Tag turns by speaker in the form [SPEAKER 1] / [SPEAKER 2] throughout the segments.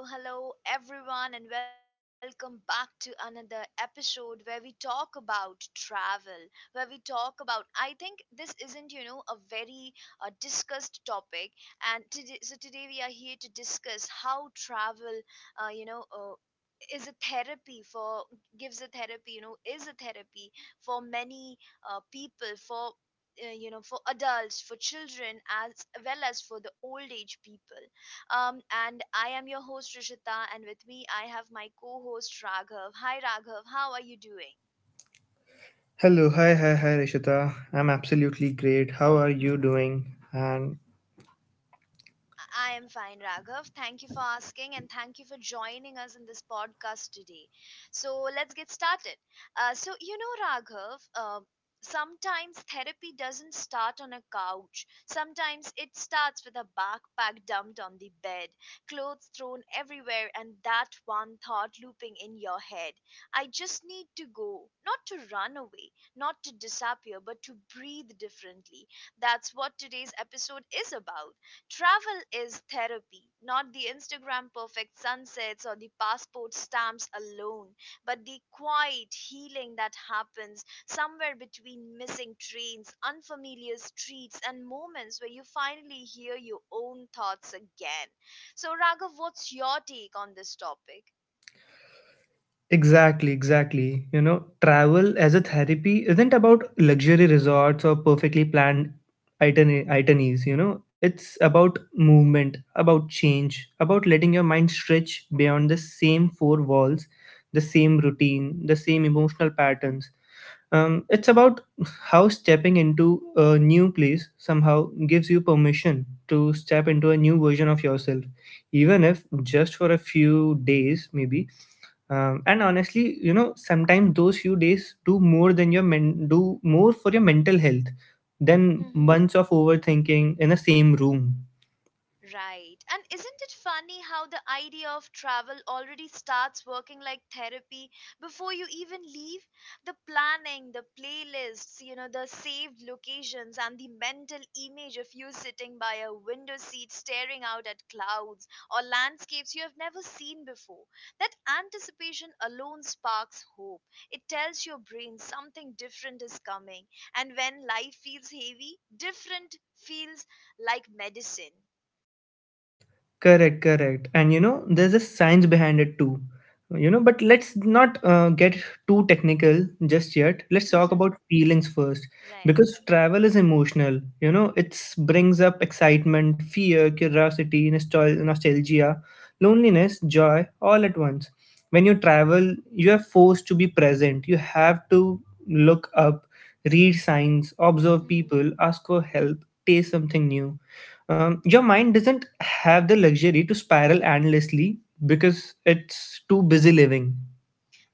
[SPEAKER 1] Hello, hello, hello, everyone, and welcome back to another episode where we talk about travel. Where we talk about, I think this isn't, a very discussed topic. And today we are here to discuss how travel, uh, you know, uh, is a therapy for gives a therapy you know is a therapy for many people, for for adults, for children as well as for the old age people um, and I am your host, Rishita, and with me I have my co host, Raghav. Hi, Raghav, how are you doing?
[SPEAKER 2] Hello, hi, Rishita. I'm absolutely great. How are you doing? And
[SPEAKER 1] I am fine, Raghav. Thank you for asking and thank you for joining us in this podcast today. So, let's get started. So, Raghav, sometimes therapy doesn't start on a couch. Sometimes it starts with a backpack dumped on the bed, clothes thrown everywhere, and that one thought looping in your head: I just need to go, not to run away, not to disappear, but to breathe differently. That's what today's episode is about. Travel is therapy, not the Instagram perfect sunsets or the passport stamps alone, but the quiet healing that happens somewhere between missing trains, unfamiliar streets, and moments where you finally hear your own thoughts again. So, Raghav, what's your take on this topic?
[SPEAKER 2] exactly, exactly. You know, travel as a therapy isn't about luxury resorts or perfectly planned itineraries. You know, it's about movement, about change, about letting your mind stretch beyond the same four walls, the same routine, the same emotional patterns. It's about how stepping into a new place somehow gives you permission to step into a new version of yourself, even if just for a few days, maybe. And honestly, you know, sometimes those few days do more than your men do more for your mental health than months of overthinking in the same room.
[SPEAKER 1] Right. And isn't it funny how the idea of travel already starts working like therapy before you even leave? The planning, the playlists, the saved locations, and the mental image of you sitting by a window seat staring out at clouds or landscapes you have never seen before. That anticipation alone sparks hope. It tells your brain something different is coming. And when life feels heavy, different feels like medicine.
[SPEAKER 2] Correct. And you know, there's a science behind it too. You know, but let's not get too technical just yet. Let's talk about feelings first,
[SPEAKER 1] Right.
[SPEAKER 2] because travel is emotional. You know, it brings up excitement, fear, curiosity, nostalgia, loneliness, joy, all at once. When you travel, you are forced to be present. You have to look up, read signs, observe
[SPEAKER 1] Mm.
[SPEAKER 2] people, ask for help, taste something new. Your mind doesn't have the luxury to spiral endlessly because it's too busy living.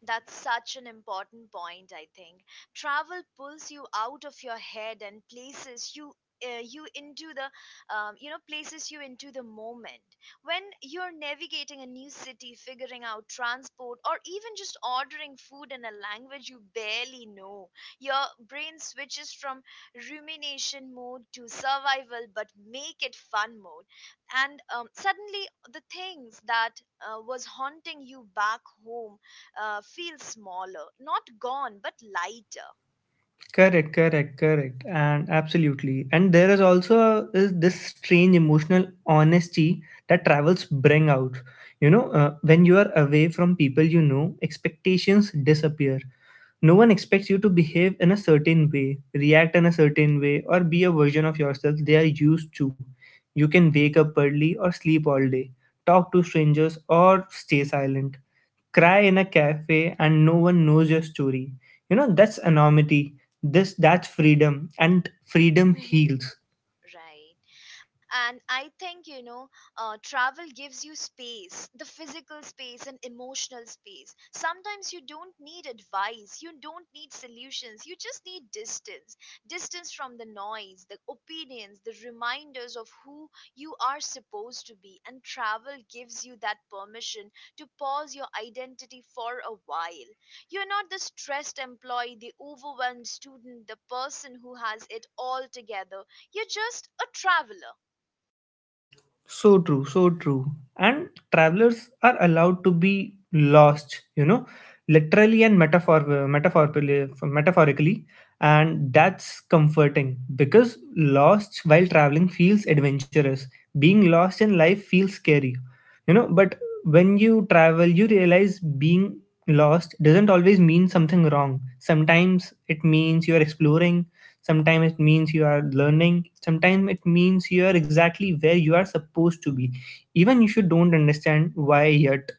[SPEAKER 1] That's such an important point, I think. Travel pulls you out of your head and places you you into the you know places you into the moment. When you're navigating a new city, figuring out transport, or even just ordering food in a language you barely know, your brain switches from rumination mode to survival, but make it fun mode, and suddenly the things that was haunting you back home feel smaller, not gone, but lighter.
[SPEAKER 2] Correct correct correct and absolutely and there is also is this strange emotional honesty that travels bring out. You know, when you are away from people, you know, expectations disappear. No one expects you to behave in a certain way, react in a certain way, or be a version of yourself they are used to. You can wake up early or sleep all day, talk to strangers or stay silent, cry in a cafe and no one knows your story. You know, that's anonymity. This That's freedom, and freedom
[SPEAKER 1] Mm-hmm.
[SPEAKER 2] heals.
[SPEAKER 1] Right. And I think travel gives you space, the physical space and emotional space. Sometimes you don't need advice, you don't need solutions, you just need distance, distance from the noise, the opinions, the reminders of who you are supposed to be. And travel gives you that permission to pause your identity for a while. You're not the stressed employee, the overwhelmed student, the person who has it all together. You're just a traveler.
[SPEAKER 2] So true. And travelers are allowed to be lost, you know, literally and metaphorically, and that's comforting because lost while traveling feels adventurous. Being lost in life feels scary, you know. But when you travel, you realize being lost doesn't always mean something wrong. Sometimes it means you are exploring, sometimes it means you are learning, sometimes it means you are exactly where you are supposed to be, even if you don't understand why yet.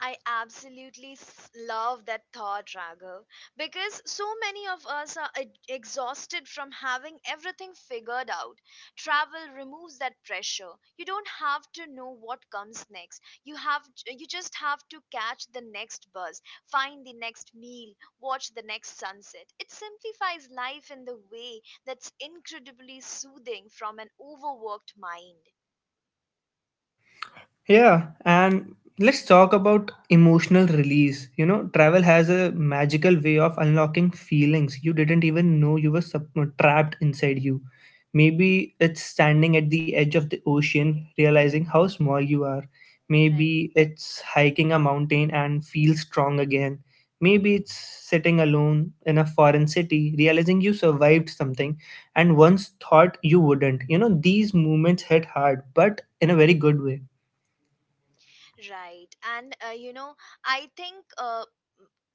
[SPEAKER 1] I absolutely love that thought, Raghav, because so many of us are exhausted from having everything figured out. Travel removes that pressure. You don't have to know what comes next. You just have to catch the next bus, find the next meal, watch the next sunset. It simplifies life in the way that's incredibly soothing from an overworked mind.
[SPEAKER 2] Yeah, and let's talk about emotional release. You know, travel has a magical way of unlocking feelings you didn't even know you were trapped inside you. Maybe it's standing at the edge of the ocean, realizing
[SPEAKER 1] Mhm.
[SPEAKER 2] how small you are.
[SPEAKER 1] Right.
[SPEAKER 2] Maybe it's hiking a mountain and feel strong again. Maybe it's sitting alone in a foreign city, realizing you survived something and once thought you wouldn't. You know, these moments hit hard, but in a very good way.
[SPEAKER 1] Right. And, I think,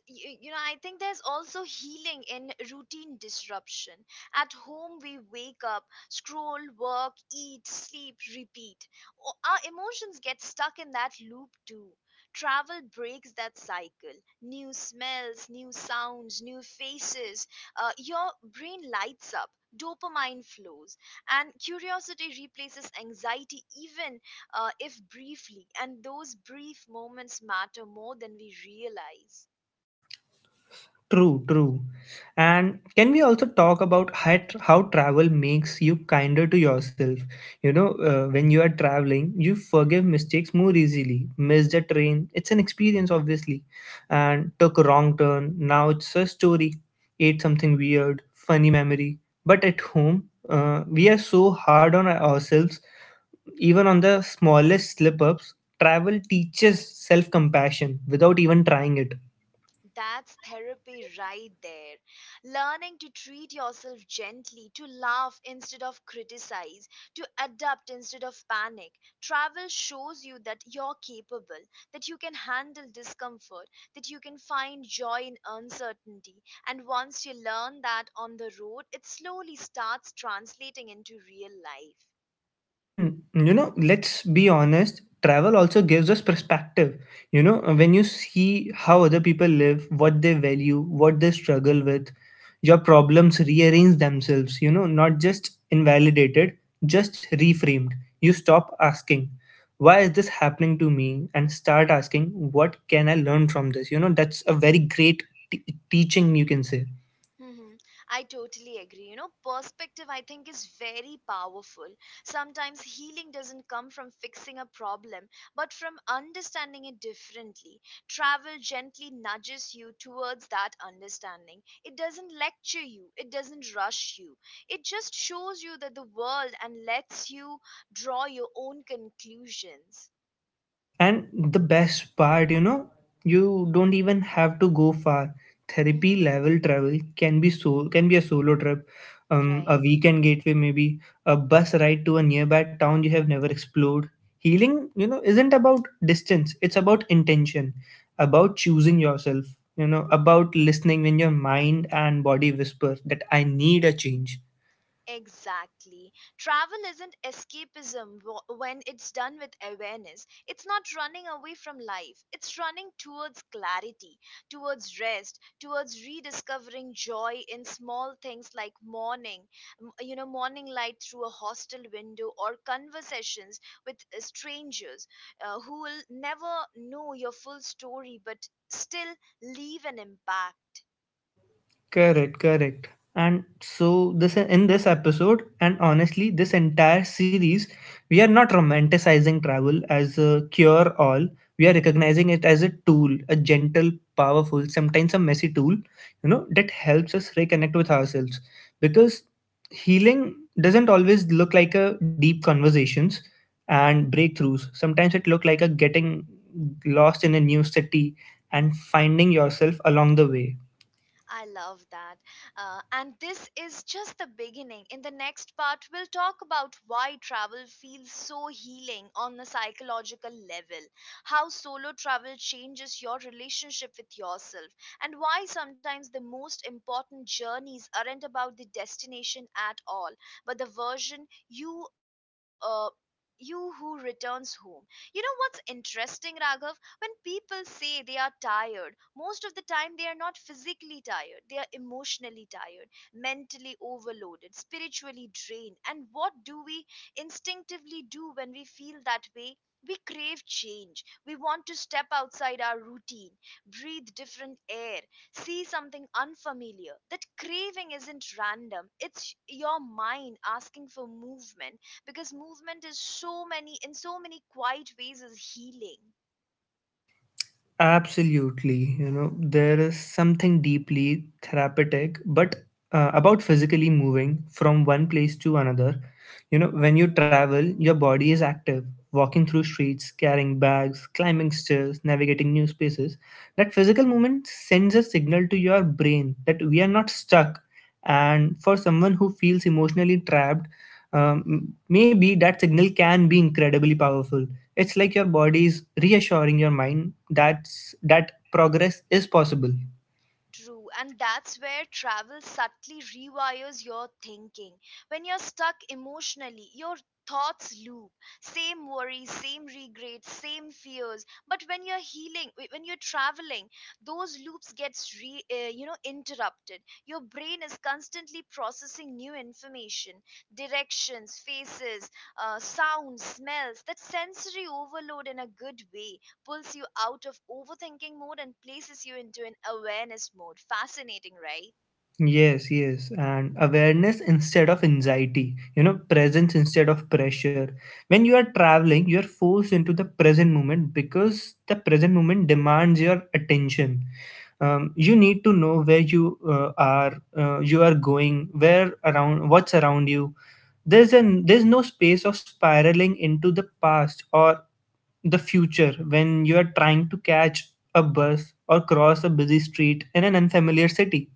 [SPEAKER 1] you, you know, I think there's also healing in routine disruption. At home, we wake up, scroll, work, eat, sleep, repeat. Our emotions get stuck in that loop too. Travel breaks that cycle. New smells, new sounds, new faces. Your brain lights up. Dopamine flows and curiosity replaces anxiety, even if briefly, and those brief moments matter more than we realize.
[SPEAKER 2] True. And can we also talk about how travel makes you kinder to yourself? You know, when you are traveling, you forgive mistakes more easily. Missed a train, it's an experience, obviously. And took a wrong turn, now it's a story. Ate something weird, funny memory. But at home, we are so hard on ourselves, even on the smallest slip ups. Travel teaches self compassion without even trying it.
[SPEAKER 1] That's therapy right there. Learning to treat yourself gently, to laugh instead of criticize, to adapt instead of panic. Travel shows you that you're capable, that you can handle discomfort, that you can find joy in uncertainty. And once you learn that on the road, it slowly starts translating into real life.
[SPEAKER 2] And you know, let's be honest, travel also gives us perspective. You know, when you see how other people live, what they value, what they struggle with, your problems rearrange themselves. You know, not just invalidated, just reframed. You stop asking, why is this happening to me, and start asking, what can I learn from this? You know, that's a very great t- teaching, you can say.
[SPEAKER 1] Hmm. I totally agree. Perspective, I think, is very powerful. Sometimes healing doesn't come from fixing a problem, but from understanding it differently. Travel gently nudges you towards that understanding. It doesn't lecture you, it doesn't rush you. It just shows you that the world, and lets you draw your own conclusions.
[SPEAKER 2] And the best part, you know, you don't even have to go far. Therapy
[SPEAKER 1] Hmm.
[SPEAKER 2] level travel can be so can be a solo trip, a
[SPEAKER 1] Right.
[SPEAKER 2] weekend gateway maybe, a bus ride to a nearby town you have never explored. Healing, you know, isn't about distance. It's about intention, about choosing yourself. You know, about listening when your mind and body whisper that I need a change.
[SPEAKER 1] Exactly. Travel isn't escapism when it's done with awareness. It's not running away from life, it's running towards clarity, towards rest, towards rediscovering joy in small things like morning, morning light through a hostel window, or conversations with strangers who will never know your full story but still leave an impact.
[SPEAKER 2] Correct. And this episode, and honestly, this entire series, we are not romanticizing travel as a cure all. We are recognizing it as a tool, a gentle, powerful, sometimes a messy tool, you know, that helps us reconnect with ourselves. Because healing doesn't always look like a deep conversations and breakthroughs. Sometimes it look like a getting lost in a new city and finding yourself along the way.
[SPEAKER 1] I love that. And this is just the beginning. In the next part, we'll talk about why travel feels so healing on the psychological level, how solo travel changes your relationship with yourself, and why sometimes the most important journeys aren't about the destination at all, but the version you who returns home. You know what's interesting, Raghav? When people say they are tired, most of the time they are not physically tired, they are emotionally tired, mentally overloaded, spiritually drained. And what do we instinctively do when we feel that way? We crave change. We want to step outside our routine, breathe different air, see something unfamiliar. That craving isn't random, it's your mind asking for movement, because movement is so many in so many quiet ways is healing.
[SPEAKER 2] Absolutely. You know, there is something deeply therapeutic, but about physically moving from one place to another. You know, when you travel, your body is active, walking through streets, carrying bags, climbing stairs, navigating new spaces. That physical movement sends a signal to your brain that we are not stuck. And for someone who feels emotionally trapped, maybe that signal can be incredibly powerful. It's like your body is reassuring your mind that progress is possible.
[SPEAKER 1] True, and that's where travel subtly rewires your thinking. When you're stuck emotionally, your thoughts loop. Same worries, same regrets, same fears. But when you're healing, when you're traveling, those loops gets re, you know interrupted. Your brain is constantly processing new information, directions, faces, sounds, smells. That sensory overload, in a good way, pulls you out of overthinking mode and places you into an awareness mode. Fascinating, right?
[SPEAKER 2] Yes, and awareness instead of anxiety, you know, presence instead of pressure. When you are traveling, you are forced into the present moment because the present moment demands your attention. You need to know where you are going, what's around you. There's no space of spiraling into the past or the future when you are trying to catch a bus or cross a busy street in an unfamiliar city.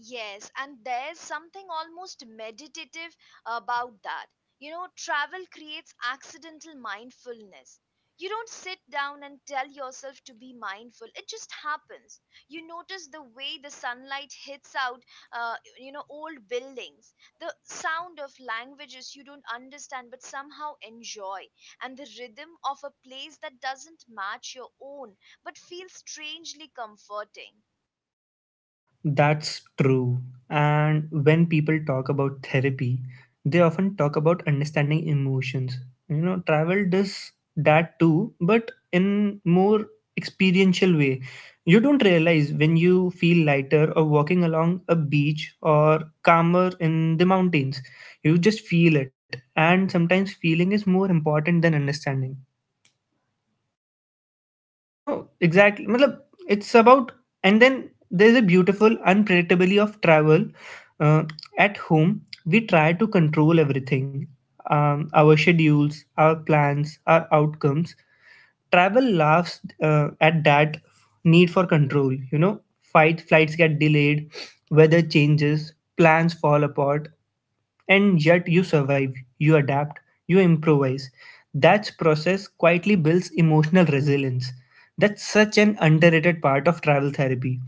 [SPEAKER 1] Yes, and there's something almost meditative about that. You know, travel creates accidental mindfulness. You don't sit down and tell yourself to be mindful, it just happens. You notice the way the sunlight hits out, old buildings, the sound of languages you don't understand but somehow enjoy, and the rhythm of a place that doesn't match your own but feels strangely comforting.
[SPEAKER 2] That's true. And when people talk about therapy, they often talk about understanding emotions. You know, travel does that too, but in more experiential way. You don't realize when you feel lighter or walking along a beach or calmer in the mountains. You just feel it. And sometimes feeling is more important than understanding. You know, exactly. Matlab, it's about, and then there's a beautiful unpredictability of travel. Uh, at home, we try to control everything, our schedules, our plans, our outcomes. Travel laughs at that need for control. You know, fight flights get delayed, weather changes, plans fall apart, and yet you survive, you adapt, you improvise. That process quietly builds emotional resilience. That's such an underrated part of travel therapy,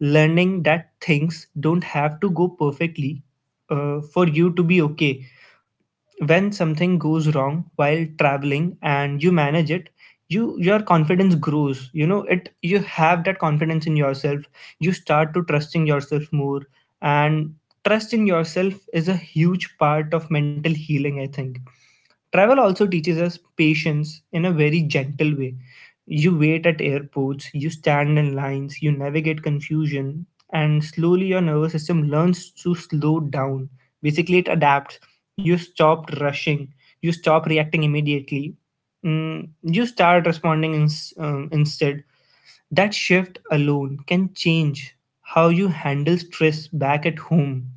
[SPEAKER 2] learning that things don't have to go perfectly for you to be okay. When something goes wrong while traveling and you manage it, your confidence grows. You know it, you have that confidence in yourself, you start to trusting yourself more, and trust in yourself is a huge part of mental healing, I think. Travel also teaches us patience in a very gentle way. You wait at airports, you stand in lines, you navigate confusion, and slowly your nervous system learns to slow down. Basically, it adapts. You stop rushing, you stop reacting immediately, you start responding instead. That shift alone can change how you handle stress back at home.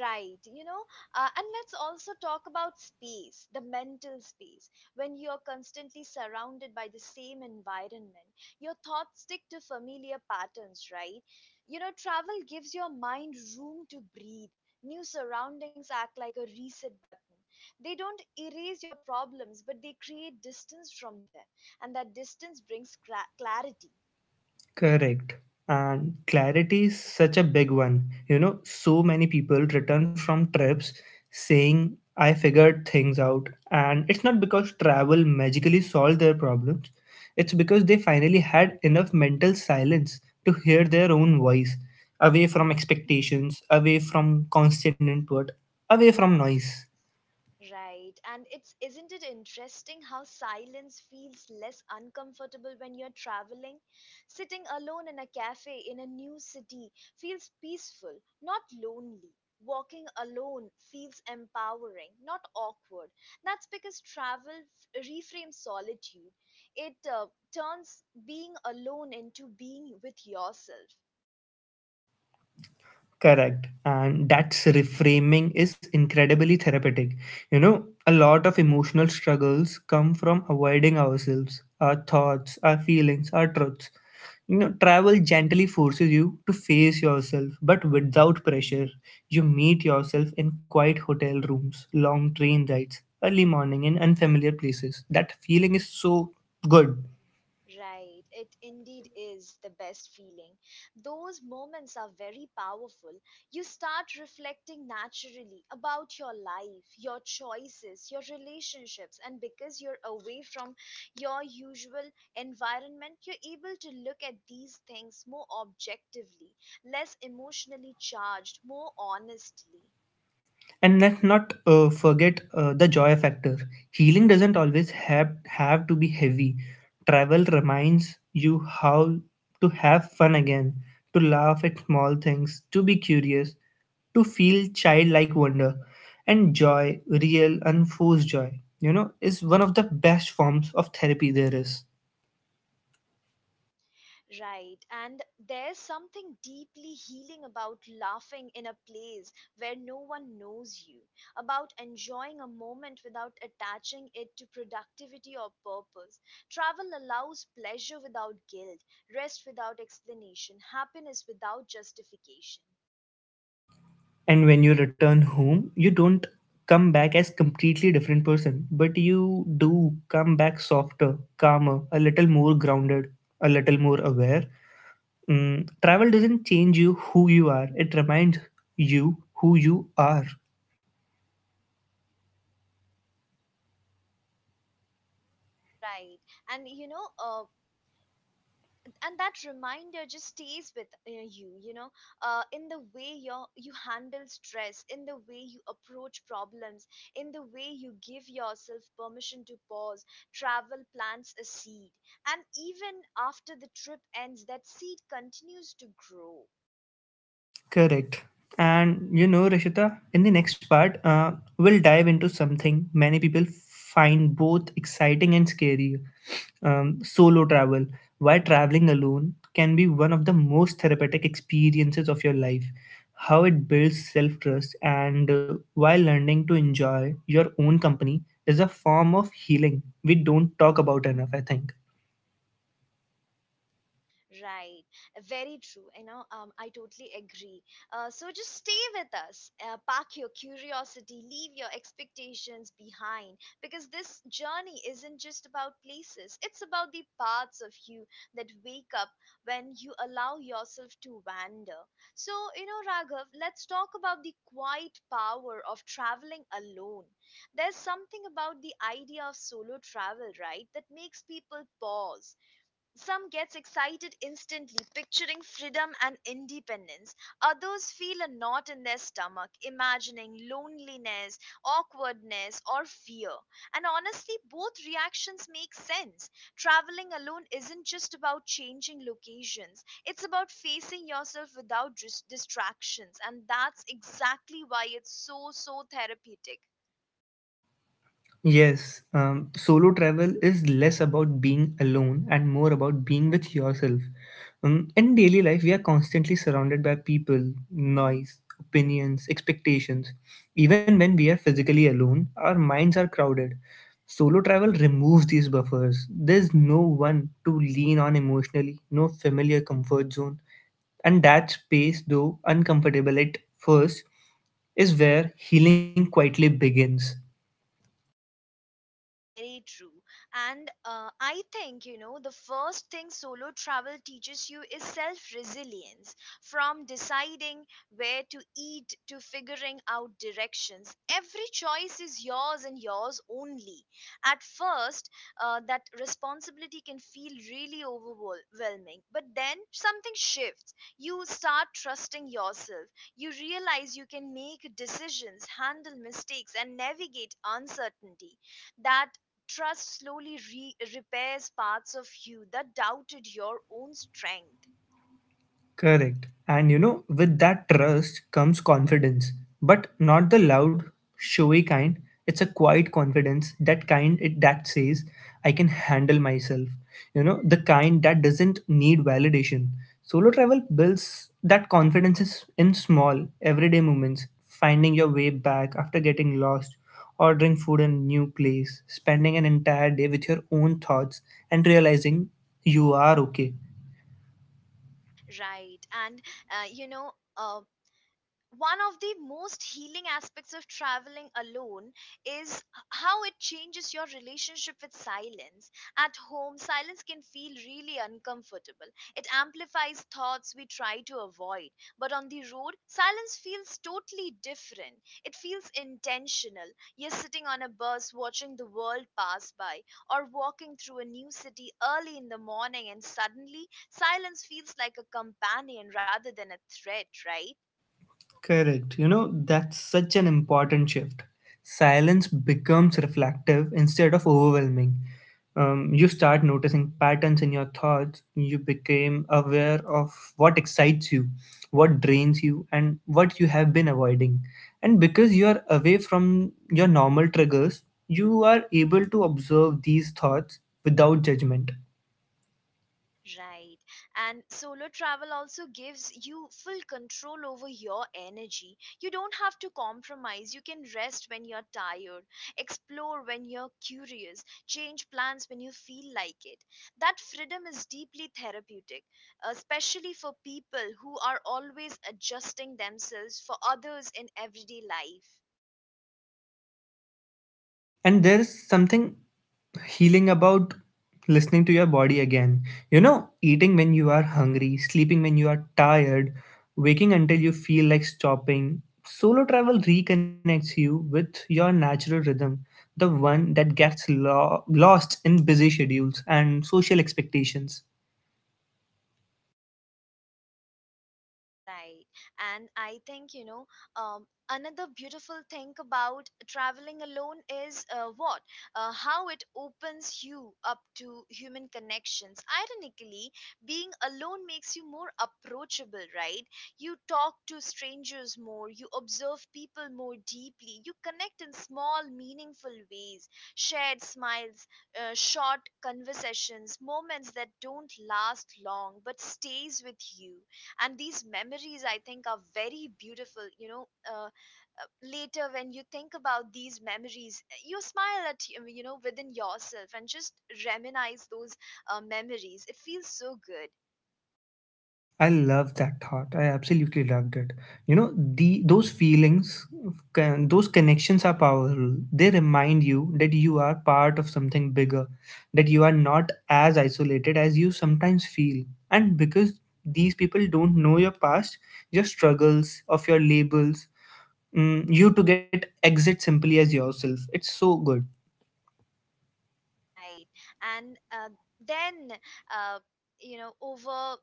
[SPEAKER 1] Right, and let's also talk about space, the mental space. When you're constantly surrounded by the same environment, your thoughts stick to familiar patterns, right? Travel gives your mind room to breathe. New surroundings act like a reset button. They don't erase your problems, but they create distance from them, and that distance brings clarity.
[SPEAKER 2] Correct. And clarity is such a big one. You know, so many people return from trips saying, I figured things out. And it's not because travel magically solved their problems, it's because they finally had enough mental silence to hear their own voice, away from expectations, away from constant input, away from noise.
[SPEAKER 1] Right. And it's isn't it interesting how silence feels less uncomfortable when you're traveling? Sitting alone in a cafe in a new city feels peaceful, not lonely. Walking alone feels empowering, not awkward. That's because travel reframes solitude. It turns being alone into being with yourself.
[SPEAKER 2] Correct. And that's reframing is incredibly therapeutic. You know, a lot of emotional struggles come from avoiding ourselves, our thoughts, our feelings, our truths. You know, travel gently forces you to face yourself, but without pressure. You meet yourself in quiet hotel rooms, long train rides, early morning in unfamiliar places. That feeling is so good.
[SPEAKER 1] Right, it indeed is the best feeling. Those moments are very powerful. You start reflecting naturally about your life, your choices, your relationships, and because you're away from your usual environment, you're able to look at these things more objectively, less emotionally charged, more honestly.
[SPEAKER 2] And let's not forget the joy factor. Healing doesn't always have to be heavy. Travel reminds you how to have fun again, to laugh at small things, to be curious, to feel childlike wonder. And joy, real, unforced joy, you know, is one of the best forms of therapy there is.
[SPEAKER 1] Right, and there's something deeply healing about laughing in a place where no one knows you, about enjoying a moment without attaching it to productivity or purpose. Travel allows pleasure without guilt, rest without explanation, happiness without justification.
[SPEAKER 2] And when you return home, you don't come back as completely different person, but you do come back softer, calmer, a little more grounded, a little more aware. Travel doesn't change you who you are; it reminds you who you are.
[SPEAKER 1] Right, and you know, uh, and that reminder just stays with you, you know in the way you handle stress, in the way you approach problems, in the way you give yourself permission to pause. Travel plants a seed, and even after the trip ends, that seed continues to grow.
[SPEAKER 2] Correct. And you know, Rishita, in the next part, we'll dive into something many people find both exciting and scary, solo travel. Why traveling alone can be one of the most therapeutic experiences of your life, how it builds self trust, and why learning to enjoy your own company is a form of healing we don't talk about enough, I think.
[SPEAKER 1] Right. Very true. I totally agree. So just stay with us. Park your curiosity, leave your expectations behind, because this journey isn't just about places, it's about the parts of you that wake up when you allow yourself to wander. So, Raghav, let's talk about the quiet power of traveling alone. There's something about the idea of solo travel, right, that makes people pause. Some gets excited instantly, picturing freedom and independence. Others feel a knot in their stomach, imagining loneliness, awkwardness, or fear. And honestly, both reactions make sense. Traveling alone isn't just about changing locations, it's about facing yourself without distractions. And that's exactly why it's so, so therapeutic.
[SPEAKER 2] Yes, solo travel is less about being alone and more about being with yourself. In daily life, we are constantly surrounded by people, noise, opinions, expectations. Even when we are physically alone, our minds are crowded. Solo travel removes these buffers. There's no one to lean on emotionally, no familiar comfort zone. And that space, though uncomfortable at first, is where healing quietly begins.
[SPEAKER 1] Very true. And I think, the first thing solo travel teaches you is self resilience. From deciding where to eat to figuring out directions, every choice is yours and yours only. At first, that responsibility can feel really overwhelming, but then something shifts. You start trusting yourself. You realize you can make decisions, handle mistakes, and navigate uncertainty. That trust slowly repairs parts of you that doubted your own strength,
[SPEAKER 2] Correct. And you know, with that trust comes confidence, but not the loud, showy kind. It's a quiet confidence, that says, I can handle myself. You know, the kind that doesn't need validation. Solo travel builds that confidence is in small, everyday moments, finding your way back after getting lost, ordering food in a new place, spending an entire day with your own thoughts, and realizing you are okay.
[SPEAKER 1] right? And uh, you know, uh, one of the most healing aspects of traveling alone is how it changes your relationship with silence. At home, silence can feel really uncomfortable. It amplifies thoughts we try to avoid. But on the road, silence feels totally different. It feels intentional. You're sitting on a bus watching the world pass by, or walking through a new city early in the morning, and suddenly silence feels like a companion rather than a threat, right?
[SPEAKER 2] Correct. You know, that's such an important shift. Silence becomes reflective instead of overwhelming. You start noticing patterns in your thoughts. You became aware of what excites you, what drains you, and what you have been avoiding. And because you are away from your normal triggers, you are able to observe these thoughts without judgment.
[SPEAKER 1] Right. And solo travel also gives you full control over your energy. You don't have to compromise. You can rest when you're tired, explore when you're curious, change plans when you feel like it. That freedom is deeply therapeutic, especially for people who are always adjusting themselves for others in everyday life.
[SPEAKER 2] And there's something healing about listening to your body again. You know, eating when you are hungry, sleeping when you are tired, waking until you feel like stopping. Solo travel reconnects you with your natural rhythm, the one that gets lost in busy schedules and social expectations.
[SPEAKER 1] Right. And I think, you know, another beautiful thing about traveling alone is what? How it opens you up to human connections. Ironically, being alone makes you more approachable, right? You talk to strangers more, you observe people more deeply, you connect in small, meaningful ways. Shared smiles, short conversations, moments that don't last long but stays with you, and these memories, I think, are very beautiful. Later when you think about these memories, you smile at you know within yourself and just reminisce those memories. It feels so good.
[SPEAKER 2] I love that thought. I absolutely loved it. You know, the those feelings, can, those connections are powerful. They remind you that you are part of something bigger, that you are not as isolated as you sometimes feel. And because these people don't know your past, your struggles, of your labels, you to get exit simply as yourself. It's so good.
[SPEAKER 1] Right. And then uh, you know, over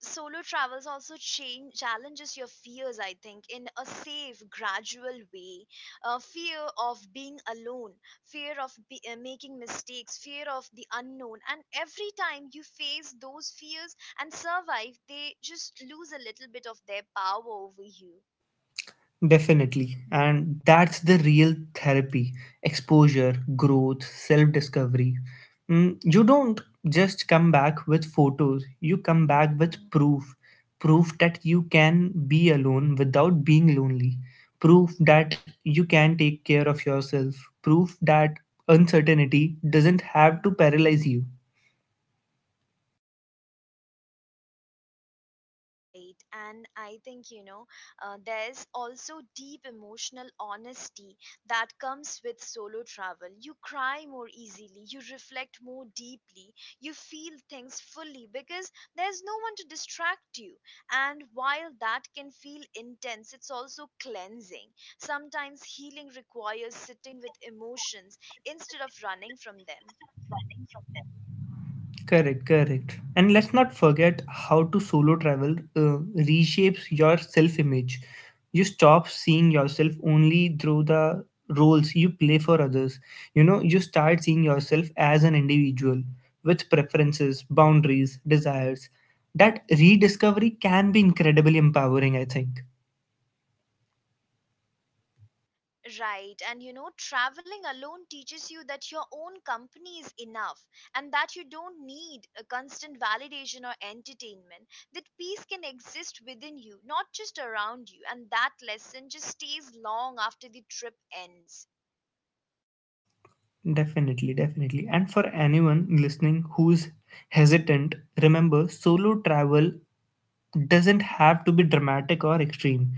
[SPEAKER 1] solo travels also challenges your fears, I think, in a safe, gradual way. Fear of being alone, fear of making mistakes, fear of the unknown, and every time you face those fears and survive, they just lose a little bit of their power over you.
[SPEAKER 2] Definitely. And that's the real therapy exposure, growth, self discovery. You don't just come back with photos, you come back with proof. Proof that you can be alone without being lonely. Proof that you can take care of yourself. Proof that uncertainty doesn't have to paralyze you.
[SPEAKER 1] Right. And I think, you know, there's also deep emotional honesty that comes with solo travel. You cry more easily, you reflect more deeply, you feel things fully because there's no one to distract you. And while that can feel intense, it's also cleansing. Sometimes healing requires sitting with emotions instead of running from them.
[SPEAKER 2] Correct, correct. And let's not forget how to solo travel reshapes your self image. You stop seeing yourself only through the roles you play for others. You know, you start seeing yourself as an individual with preferences, boundaries, desires. That rediscovery can be incredibly empowering, I think.
[SPEAKER 1] Right, and you know, traveling alone teaches you that your own company is enough and that you don't need a constant validation or entertainment. That peace can exist within you, not just around you, and that lesson just stays long after the trip ends.
[SPEAKER 2] Definitely, definitely. And for anyone listening who's hesitant, remember solo travel doesn't have to be dramatic or extreme.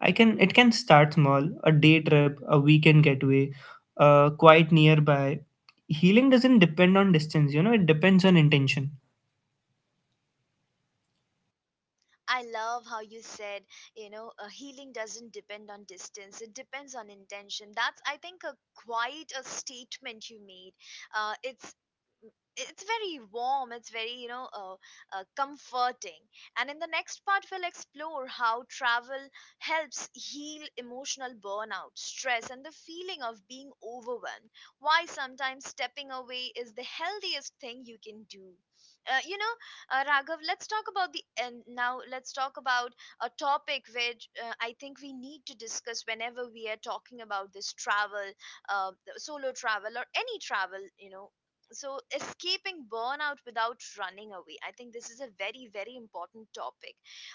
[SPEAKER 2] I can It can start small, a day trip, a weekend getaway, quite nearby. Healing doesn't depend on distance, you know, it depends on intention.
[SPEAKER 1] I love how you said, you know, healing doesn't depend on distance, it depends on intention. That's, I think, a quite a statement you made. Uh, it's it's very warm, it's very, you know, comforting. And in the next part, we'll explore how travel helps heal emotional burnout, stress, and the feeling of being overwhelmed, why sometimes stepping away is the healthiest thing you can do. uh, you know Raghav, let's talk about the and now let's talk about a topic which, I think, we need to discuss whenever we are talking about this travel, uh, solo travel or any travel, you know. So, escaping burnout without running away, I think this is a very, very important topic.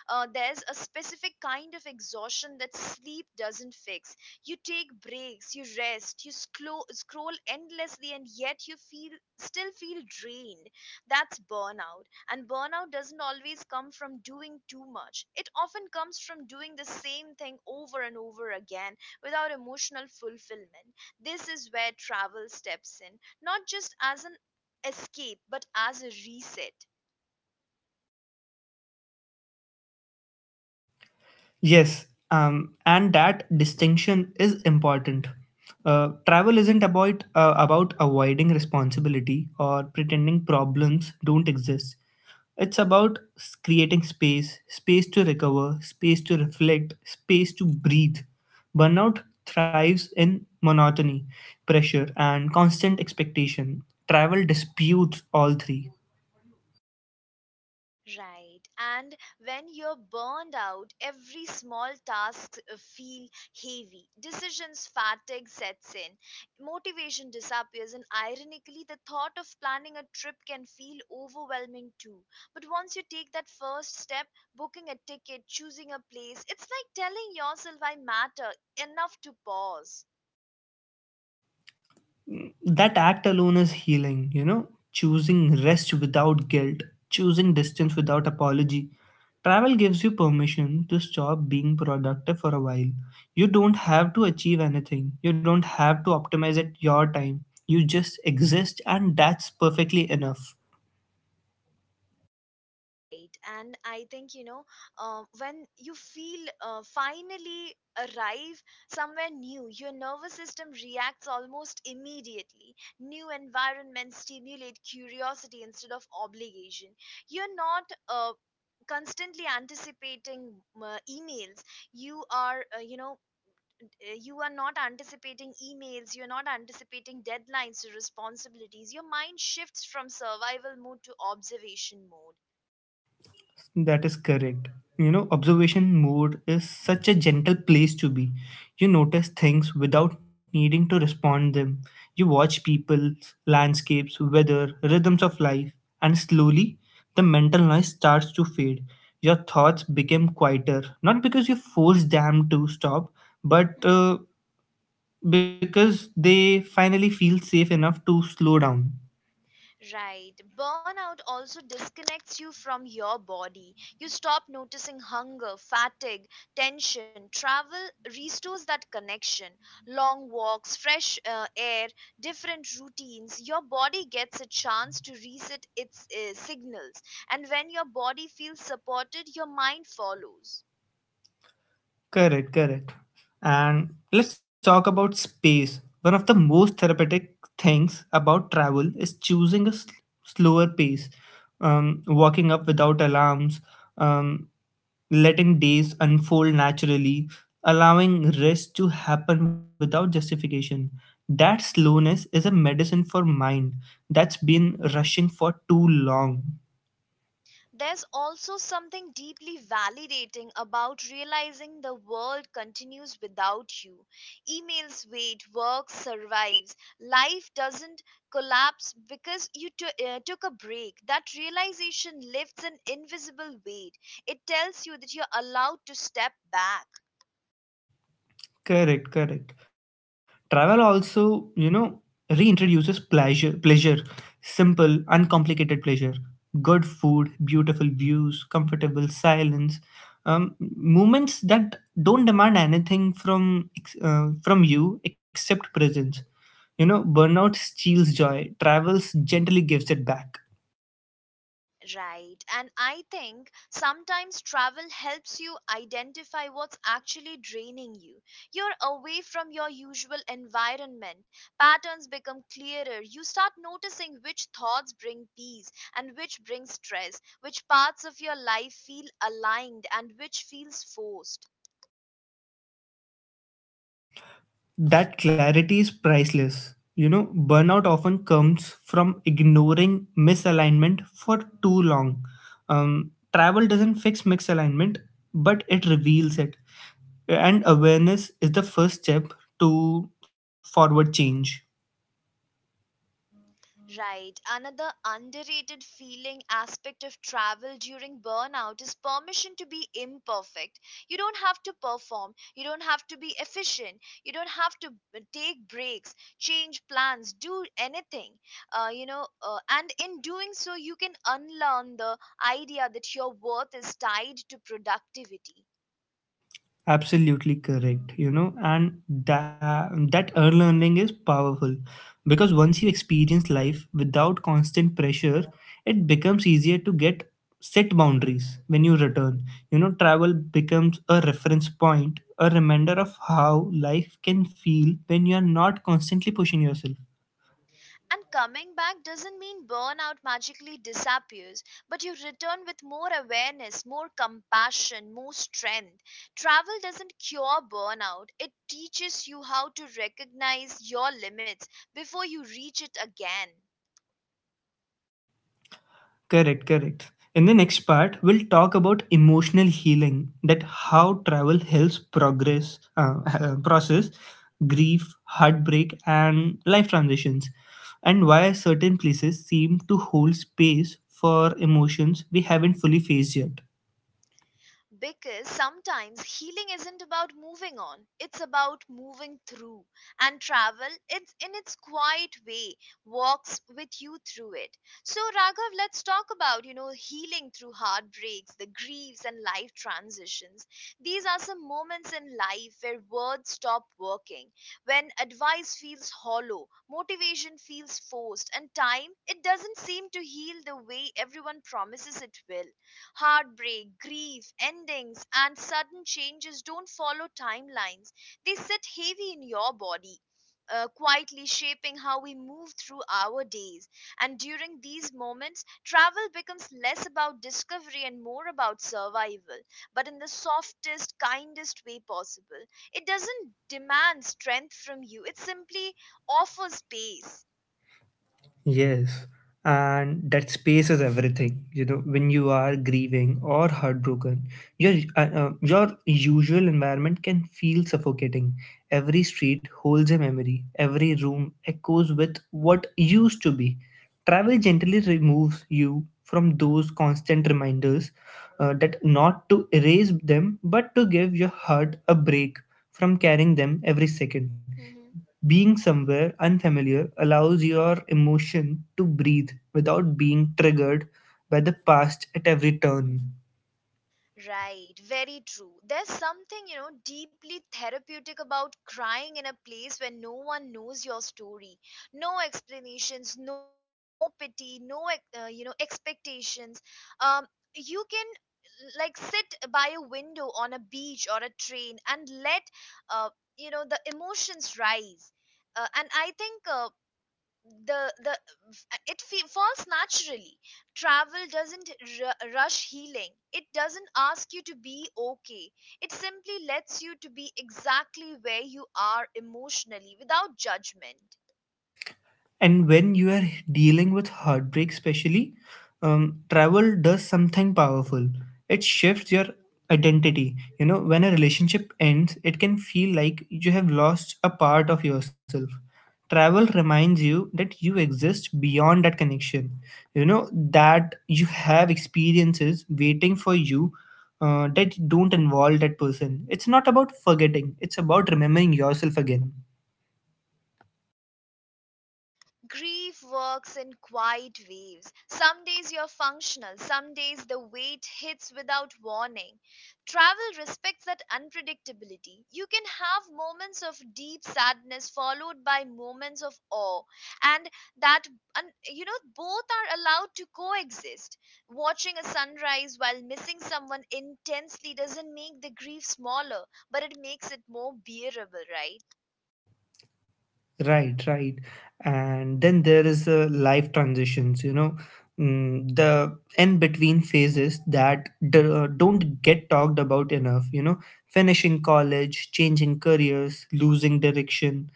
[SPEAKER 1] There's a specific kind of exhaustion that sleep doesn't fix. You take breaks, you rest, you scroll endlessly, and yet you feel still feel drained. That's burnout. And burnout doesn't always come from doing too much, it often comes from doing the same thing over and over again without emotional fulfillment. This is where travel steps in, not just as an escape but as a reset.
[SPEAKER 2] Yes, and that distinction is important. Travel isn't about avoiding responsibility or pretending problems don't exist. It's about creating space, space to recover, space to reflect, space to breathe. Burnout thrives in monotony, pressure, and constant expectation. Travel disputes all three.
[SPEAKER 1] Right. And when you're burned out, every small task feel heavy, decisions fatigue sets in, motivation disappears, and ironically the thought of planning a trip can feel overwhelming too. But once you take that first step, booking a ticket, choosing a place, it's like telling yourself I matter enough to pause.
[SPEAKER 2] That act alone is healing, you know, choosing rest without guilt, choosing distance without apology. Travel gives you permission to stop being productive for a while. You don't have to achieve anything, you don't have to optimize at your time. You just exist, and that's perfectly enough.
[SPEAKER 1] Right. And I think, you know, when you feel finally arrive somewhere new, your nervous system reacts almost immediately. New environments stimulate curiosity instead of obligation. You're not constantly anticipating emails you are you know you are not anticipating emails, you're not anticipating deadlines to responsibilities. Your mind shifts from survival mode to observation mode.
[SPEAKER 2] That is correct. You know, observation mode is such a gentle place to be. You notice things without needing to respond them. You watch people, landscapes, weather, rhythms of life, and slowly the mental noise starts to fade. Your thoughts become quieter, not because you force them to stop, but because they finally feel safe enough to slow down.
[SPEAKER 1] Right. Burnout also disconnects you from your body. You stop noticing hunger, fatigue, tension. Travel restores that connection. Long walks, fresh air, different routines. Your body gets a chance to reset its signals. And when your body feels supported, your mind follows.
[SPEAKER 2] Correct, correct. And let's talk about space. One of the most therapeutic things about travel is choosing a slower pace, walking up without alarms, um, letting days unfold naturally, allowing rest to happen without justification. That slowness is a medicine for mind that's been rushing for too long.
[SPEAKER 1] There's also something deeply validating about realizing the world continues without you. Emails wait, work survives, life doesn't collapse because you took a break. That realization lifts an invisible weight. It tells you that you're allowed to step back.
[SPEAKER 2] Correct, correct. Travel also, you know, reintroduces pleasure, pleasure, simple, uncomplicated pleasure, good food, beautiful views, comfortable silence, moments that don't demand anything from from you except presence. You know, burnout steals joy, travels gently gives it back.
[SPEAKER 1] Right. And I think sometimes travel helps you identify what's actually draining you. You're away from your usual environment. Patterns become clearer. You start noticing which thoughts bring peace and which bring stress, which parts of your life feel aligned and which feels forced.
[SPEAKER 2] That clarity is priceless. You know, burnout often comes from ignoring misalignment for too long. Travel doesn't fix misalignment, but it reveals it. And awareness is the first step to forward change.
[SPEAKER 1] Right. Another underrated feeling aspect of travel during burnout is permission to be imperfect. You don't have to perform, you don't have to be efficient, you don't have to take breaks, change plans, do anything. And in doing so, you can unlearn the idea that your worth is tied to productivity.
[SPEAKER 2] Absolutely correct, you know, and that early learning is powerful because once you experience life without constant pressure, it becomes easier to get set boundaries when you return. You know, travel becomes a reference point, a reminder of how life can feel when you are not constantly pushing yourself.
[SPEAKER 1] And coming back doesn't mean burnout magically disappears, but you return with more awareness, more compassion, more strength. Travel doesn't cure burnout, it teaches you how to recognize your limits before you reach it again.
[SPEAKER 2] Correct, correct. In the next part, we'll talk about emotional healing, that how travel helps process, grief, heartbreak, and life transitions, and why certain places seem to hold space for emotions we haven't fully faced yet.
[SPEAKER 1] Because sometimes healing isn't about moving on, it's about moving through, and travel, it's in its quiet way, walks with you through it. So, Raghav, let's talk about, you know, healing through heartbreaks, the griefs, and life transitions. These are some moments in life where words stop working, when advice feels hollow, motivation feels forced, and time, it doesn't seem to heal the way everyone promises it will. Heartbreak, grief, endings, and sudden changes don't follow timelines. They sit heavy in your body, quietly shaping how we move through our days. And during these moments, travel becomes less about discovery and more about survival, but in the softest, kindest way possible. It doesn't demand strength from you, it simply offers space.
[SPEAKER 2] Yes, and that space is everything. You know, when you are grieving or heartbroken, your usual environment can feel suffocating. Every street holds a memory. Every room echoes with what used to be. Travel gently removes you from those constant reminders that not to erase them, but to give your heart a break from carrying them every second. Being somewhere unfamiliar allows your emotion to breathe without being triggered by the past at every turn.
[SPEAKER 1] Right, very true. There's something, you know, deeply therapeutic about crying in a place where no one knows your story. No explanations, no pity, no, you know, expectations. Um, you can like sit by a window on a beach or a train and let, uh, you know, the emotions rise. And I think, the it falls naturally. Travel doesn't rush healing, it doesn't ask you to be okay, it simply lets you to be exactly where you are emotionally without judgment.
[SPEAKER 2] And when you are dealing with heartbreak especially, travel does something powerful. It shifts your identity. You know, when a relationship ends it can feel like you have lost a part of yourself. Travel reminds you that you exist beyond that connection. You know, that you have experiences waiting for you that don't involve that person. It's not about forgetting, it's about remembering yourself again.
[SPEAKER 1] Grief works in quiet waves. Some days you're functional, some days the weight hits without warning. Travel respects that unpredictability. You can have moments of deep sadness followed by moments of awe, and that you know, both are allowed to coexist. Watching a sunrise while missing someone intensely doesn't make the grief smaller, but it makes it more bearable, right?
[SPEAKER 2] Right, right. And then there is life transitions, you know, the in between phases that don't get talked about enough, you know, finishing college, changing careers, losing direction,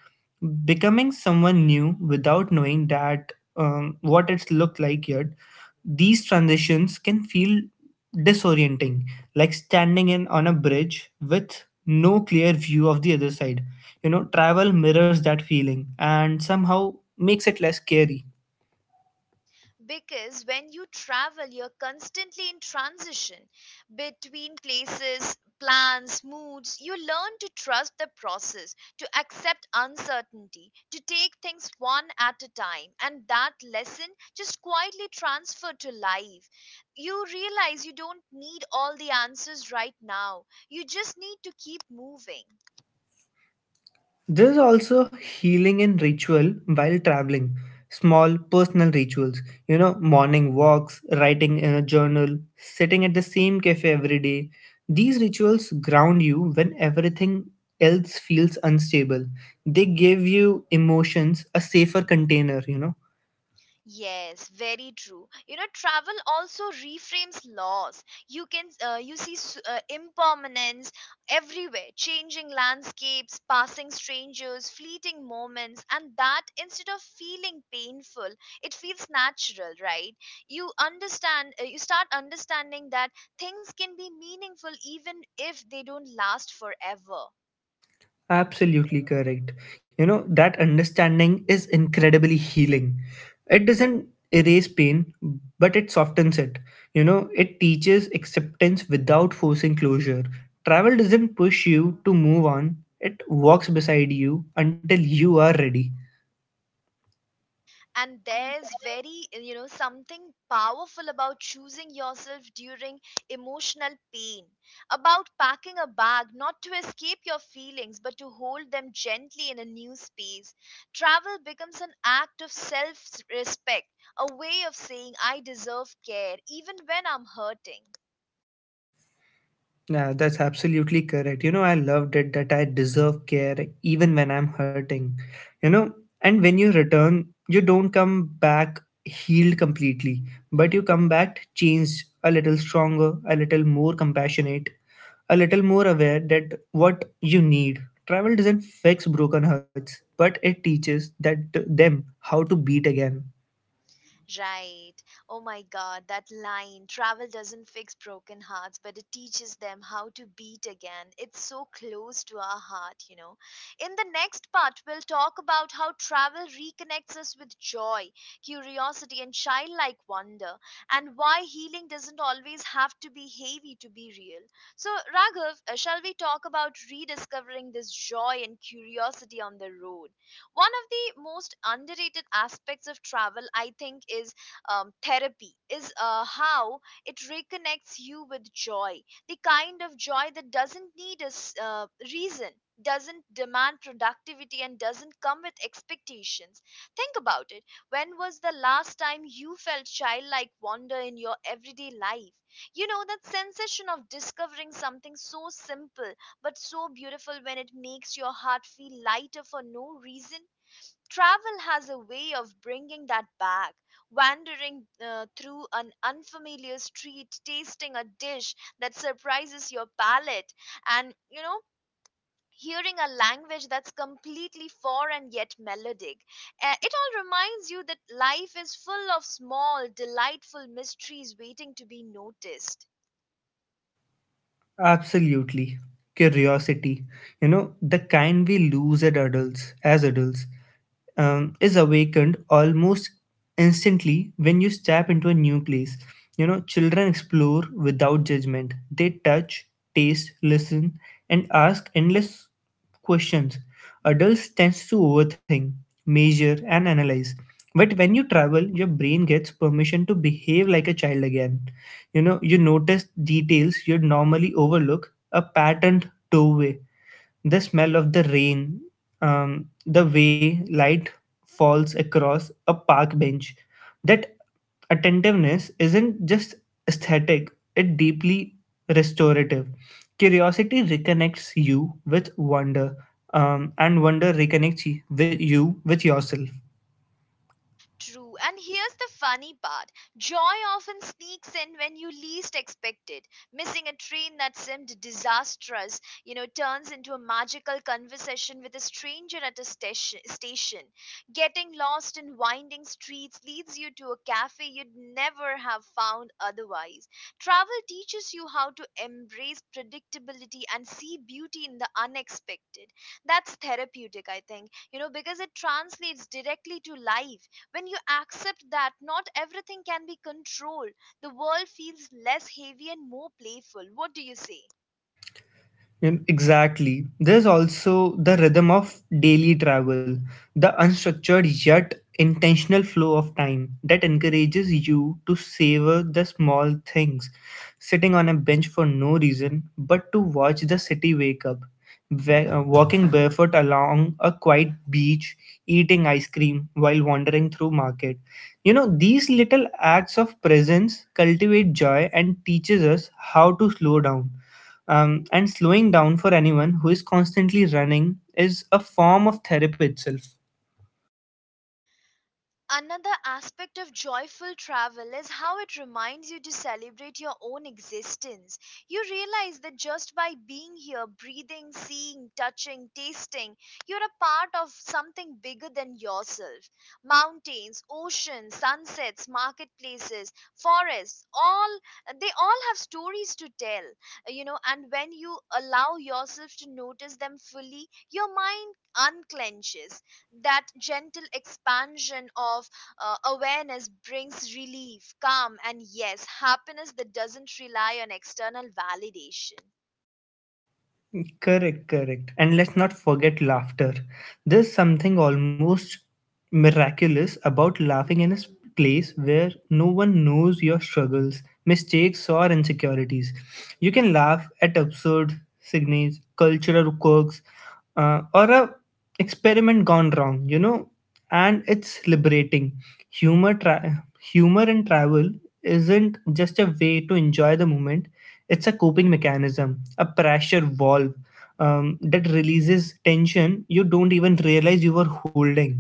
[SPEAKER 2] becoming someone new without knowing that what it's looked like yet. These transitions can feel disorienting, like standing in on a bridge with no clear view of the other side. You know, travel mirrors that feeling and somehow makes it less scary.
[SPEAKER 1] Because when you travel, you're constantly in transition between places, plans, moods. You learn to trust the process, to accept uncertainty, to take things one at a time, and that lesson just quietly transferred to life. You realize you don't need all the answers right now, you just need to keep moving.
[SPEAKER 2] There's also healing in ritual while traveling. Small personal rituals, you know, morning walks, writing in a journal, sitting at the same cafe every day. These rituals ground you when everything else feels unstable. They give you emotions a safer container, you know.
[SPEAKER 1] Yes, very true. You know, travel also reframes laws. You can you see impermanence everywhere, changing landscapes, passing strangers, fleeting moments, and that instead of feeling painful, it feels natural, right? You start understanding that things can be meaningful even if they don't last forever.
[SPEAKER 2] Absolutely correct. You know, that understanding is incredibly healing. It doesn't erase pain, but it softens it. You know, it teaches acceptance without forcing closure. Travel doesn't push you to move on, it walks beside you until you are ready.
[SPEAKER 1] And there's very, you know, something powerful about choosing yourself during emotional pain, about packing a bag not to escape your feelings but to hold them gently in a new space. Travel becomes an act of self respect, a way of saying I deserve care even when I'm hurting.
[SPEAKER 2] Yeah, that's absolutely correct. You know, I loved it that I deserve care even when I'm hurting. You know, and when you return, you don't come back healed completely, but you come back changed, a little stronger, a little more compassionate, a little more aware that what you need. Travel doesn't fix broken hearts, but it teaches that them how to beat again.
[SPEAKER 1] Right. Oh my God, that line. Travel doesn't fix broken hearts, but it teaches them how to beat again. It's so close to our heart, you know. In the next part, we'll talk about how travel reconnects us with joy, curiosity, and childlike wonder, and why healing doesn't always have to be heavy to be real. So, Raghav, shall we talk about rediscovering this joy and curiosity on the road? One of the most underrated aspects of travel, I think, is therapy, is how it reconnects you with joy, the kind of joy that doesn't need a reason, doesn't demand productivity, and doesn't come with expectations. Think about it. When was the last time you felt childlike wonder in your everyday life? You know, that sensation of discovering something so simple but so beautiful when it makes your heart feel lighter for no reason. Travel has a way of bringing that back. Wandering through an unfamiliar street, tasting a dish that surprises your palate, and you know, hearing a language that's completely foreign yet melodic. It all reminds you that life is full of small, delightful mysteries waiting to be noticed.
[SPEAKER 2] Absolutely. Curiosity, you know, the kind we lose at adults, as adults, is awakened almost instantly when you step into a new place. You know, children explore without judgment. They touch, taste, listen, and ask endless questions. Adults tend to overthink, measure, and analyze. But when you travel, your brain gets permission to behave like a child again. You know, you notice details you'd normally overlook a patterned doorway, the smell of the rain, the way light falls across a park bench. That attentiveness isn't just aesthetic, it's deeply restorative. Curiosity reconnects you with wonder, and wonder reconnects with you with yourself.
[SPEAKER 1] True. And here's the funny part, joy often sneaks in when you least expect it. Missing a train that seemed disastrous, turns into a magical conversation with a stranger at a station. Getting lost in winding streets leads you to a cafe you'd never have found otherwise. Travel teaches you how to embrace predictability and see beauty in the unexpected. That's therapeutic, I think, because it translates directly to life when you accept that not everything can be controlled, the world feels less heavy and more playful. What do you say?
[SPEAKER 2] Exactly. There's also the rhythm of daily travel, the unstructured yet intentional flow of time that encourages you to savor the small things, sitting on a bench for no reason but to watch the city wake up, walking barefoot along a quiet beach, eating ice cream while wandering through market. You know, these little acts of presence cultivate joy and teaches us how to slow down, and slowing down for anyone who is constantly running is a form of therapy itself.
[SPEAKER 1] Another aspect of joyful travel is how it reminds you to celebrate your own existence. You realize that just by being here, breathing, seeing, touching, tasting, you're a part of something bigger than yourself. Mountains, oceans, sunsets, marketplaces, forests, all they all have stories to tell, and when you allow yourself to notice them fully, your mind unclenches that gentle expansion of awareness brings relief, calm, and yes, happiness that doesn't rely on external validation.
[SPEAKER 2] Correct, correct. And let's not forget laughter. There's something almost miraculous about laughing in a place where no one knows your struggles, mistakes, or insecurities. You can laugh at absurd signes, cultural quirks, or a experiment gone wrong. You know, and it's liberating. Humor, tra- humor in travel isn't just a way to enjoy the moment; it's a coping mechanism, a pressure valve that releases tension you don't even realize you were holding.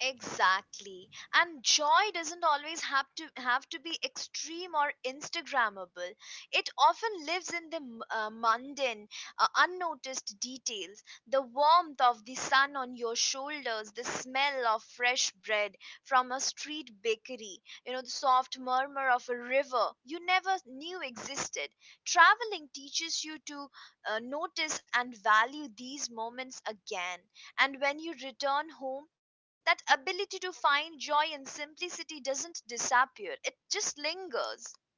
[SPEAKER 1] Exactly. And joy doesn't always have to be extreme or instagrammable. It often lives in the mundane, unnoticed details. The warmth of the sun on your shoulders, the smell of fresh bread from a street bakery, the soft murmur of a river you never knew existed. Traveling teaches you to notice and value these moments again. And when you return home, that ability to find joy in simplicity doesn't disappear, it just lingers.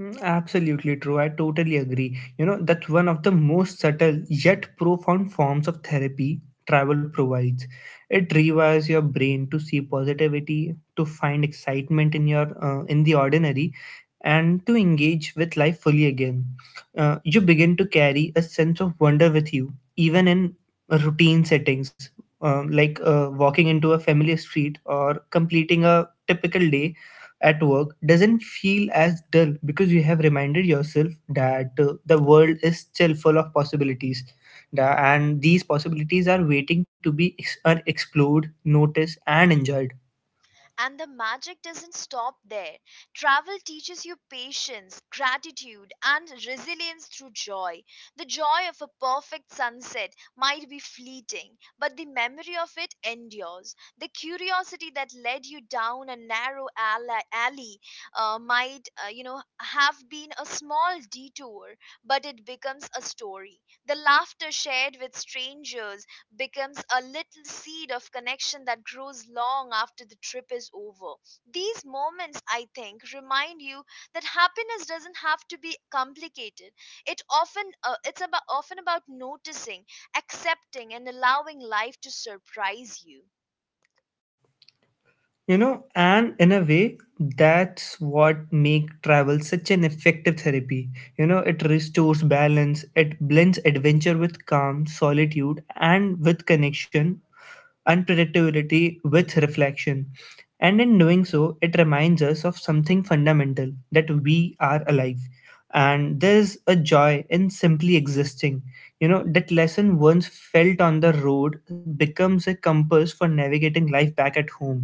[SPEAKER 2] Absolutely true. I totally agree. You know, that's one of the most subtle yet profound forms of therapy travel provides. It rewires your brain to see positivity, to find excitement in your in the ordinary, and to engage with life fully again. You begin to carry a sense of wonder with you, even in routine settings, like walking into a familiar street or completing a typical day at work doesn't feel as dull because you have reminded yourself that the world is still full of possibilities. And these possibilities are waiting to are explored, noticed, and enjoyed.
[SPEAKER 1] And the magic doesn't stop there. Travel teaches you patience, gratitude, and resilience through joy. The joy of a perfect sunset might be fleeting, but the memory of it endures. The curiosity that led you down a narrow alley might, have been a small detour, but it becomes a story. The laughter shared with strangers becomes a little seed of connection that grows long after the trip is over. These moments, I think, remind you that happiness doesn't have to be complicated. It often it's about often about noticing, accepting, and allowing life to surprise you.
[SPEAKER 2] You know, and in a way, that's what make travel such an effective therapy. You know, it restores balance. It blends adventure with calm, solitude and with connection, unpredictability with reflection. And in doing so, it reminds us of something fundamental that we are alive. And there's a joy in simply existing. You know, that lesson once felt on the road becomes a compass for navigating life back at home.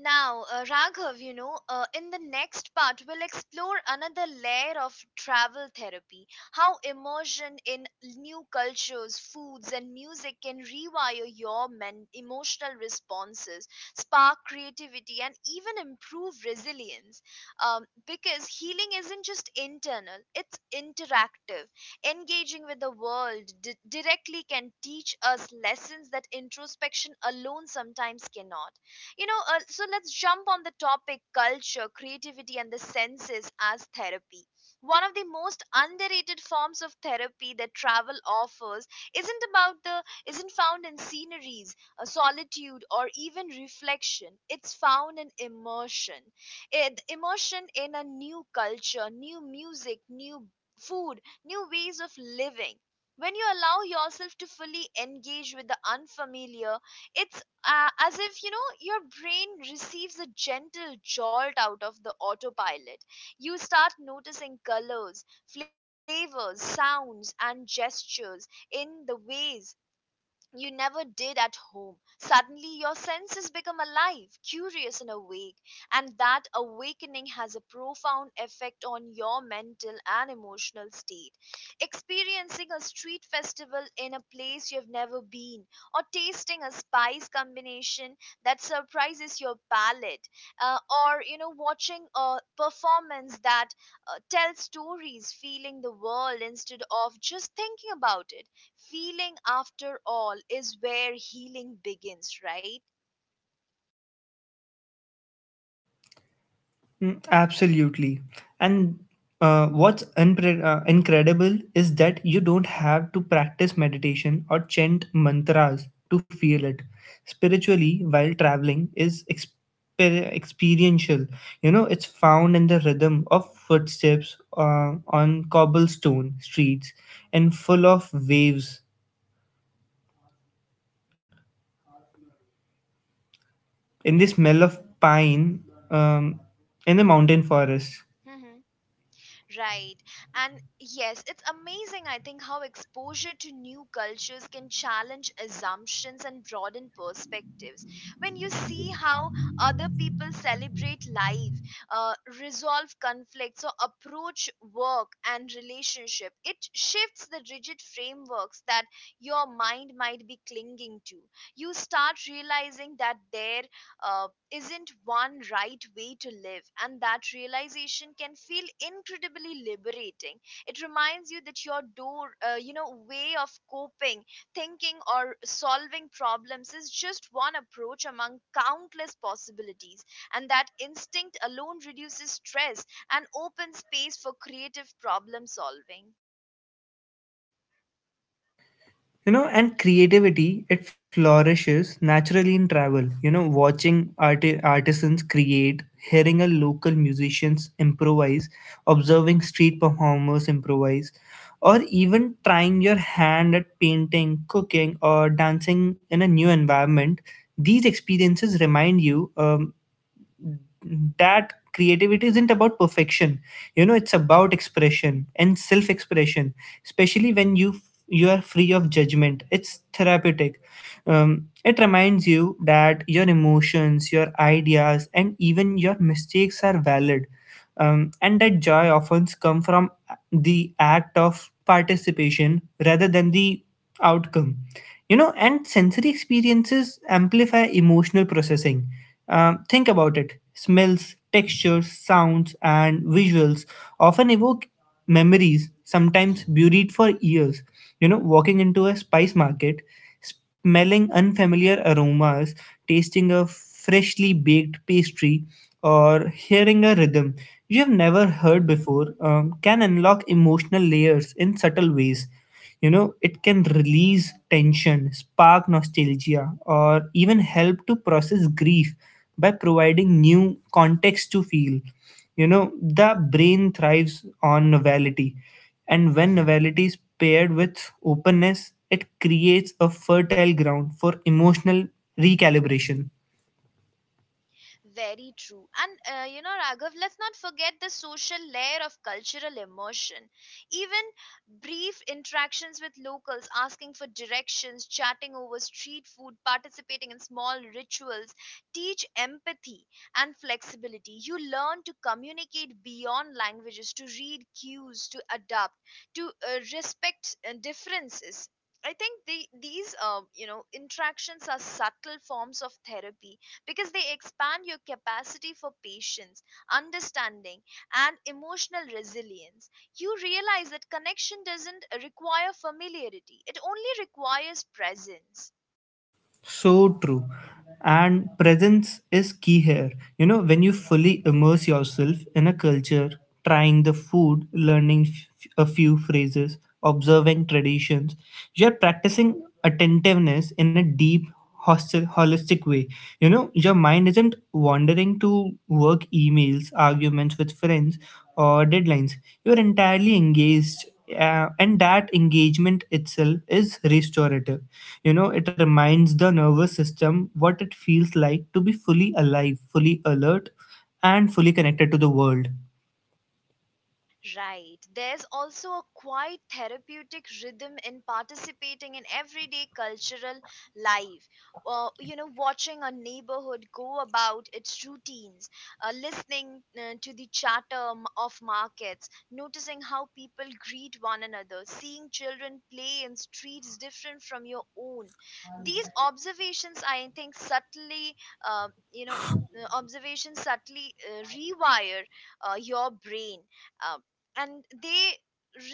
[SPEAKER 1] Now, Raghav, in the next part, we'll explore another layer of travel therapy, how immersion in new cultures, foods, and music can rewire your emotional responses, spark creativity, and even improve resilience. Because healing isn't just internal, it's interactive. Engaging with the world directly can teach us lessons that introspection alone sometimes cannot. So let's jump on the topic culture, creativity, and the senses as therapy. One of the most underrated forms of therapy that travel offers isn't about the isn't found in sceneries, solitude, or even reflection. It's found in immersion. Immersion in a new culture, new music, new food, new ways of living. When you allow yourself to fully engage with the unfamiliar, it's as if your brain receives a gentle jolt out of the autopilot. You start noticing colors, flavors, sounds and gestures in the ways you never did at home. Suddenly your senses become alive, curious, and awake, and that awakening has a profound effect on your mental and emotional state. Experiencing a street festival in a place you've never been, or tasting a spice combination that surprises your palate, uh, or watching a performance that tells stories, feeling the world instead of just thinking about it. Feeling, after all, is where healing begins, right?
[SPEAKER 2] Mm, absolutely. And what's incredible is that you don't have to practice meditation or chant mantras to feel it. Spiritually, while traveling, is experiential. You know, it's found in the rhythm of footsteps on cobblestone streets and full of waves, in the smell of pine, um, in the mountain forest.
[SPEAKER 1] Hmm. Right. And yes, it's amazing, I think, how exposure to new cultures can challenge assumptions and broaden perspectives. When you see how other people celebrate life, uh, resolve conflicts, or approach work and relationship, it shifts the rigid frameworks that your mind might be clinging to. You start realizing that their uh, isn't one right way to live, and that realization can feel incredibly liberating. It reminds you that your door, way of coping, thinking, or solving problems is just one approach among countless possibilities, and that instinct alone reduces stress and opens space for creative problem solving.
[SPEAKER 2] You know, and creativity, it flourishes naturally in travel. You know, watching artisans create, hearing a local musicians improvise, observing street performers improvise, or even trying your hand at painting, cooking, or dancing in a new environment, these experiences remind you that creativity isn't about perfection. You know, it's about expression and self expression, especially when you are free of judgment, it's therapeutic. It reminds you that your emotions, your ideas, and even your mistakes are valid, and that joy often comes from the act of participation rather than the outcome. You know, and sensory experiences amplify emotional processing. Think about it: smells, textures, sounds, and visuals often evoke memories, sometimes buried for years. You know, walking into a spice market, smelling unfamiliar aromas, tasting a freshly baked pastry, or hearing a rhythm you have never heard before can unlock emotional layers in subtle ways. You know, it can release tension, spark nostalgia, or even help to process grief by providing new context to feel. You know, the brain thrives on novelty, and when novelty is paired with openness, it creates a fertile ground for emotional recalibration.
[SPEAKER 1] Very true. And Raghav, let's not forget the social layer of cultural immersion. Even brief interactions with locals, asking for directions, chatting over street food, participating in small rituals, teach empathy and flexibility. You learn to communicate beyond languages, to read cues, to adapt, to respect differences. I think these interactions are subtle forms of therapy because they expand your capacity for patience, understanding, and emotional resilience. You realize that connection doesn't require familiarity, it only requires presence.
[SPEAKER 2] So true. And presence is key here. You know, when you fully immerse yourself in a culture, trying the food, learning a few phrases, observing traditions, you're practicing attentiveness in a deep, holistic way. You know, your mind isn't wandering to work emails, arguments with friends, or deadlines. You're entirely engaged. And that engagement itself is restorative. You know, it reminds the nervous system what it feels like to be fully alive, fully alert, and fully connected to the world.
[SPEAKER 1] Right. There's also a quite therapeutic rhythm in participating in everyday cultural life. Watching a neighborhood go about its routines, listening to the chatter of markets, noticing how people greet one another, seeing children play in streets different from your own. These observations, I think, uh, you know, subtly rewire your brain. Um, and they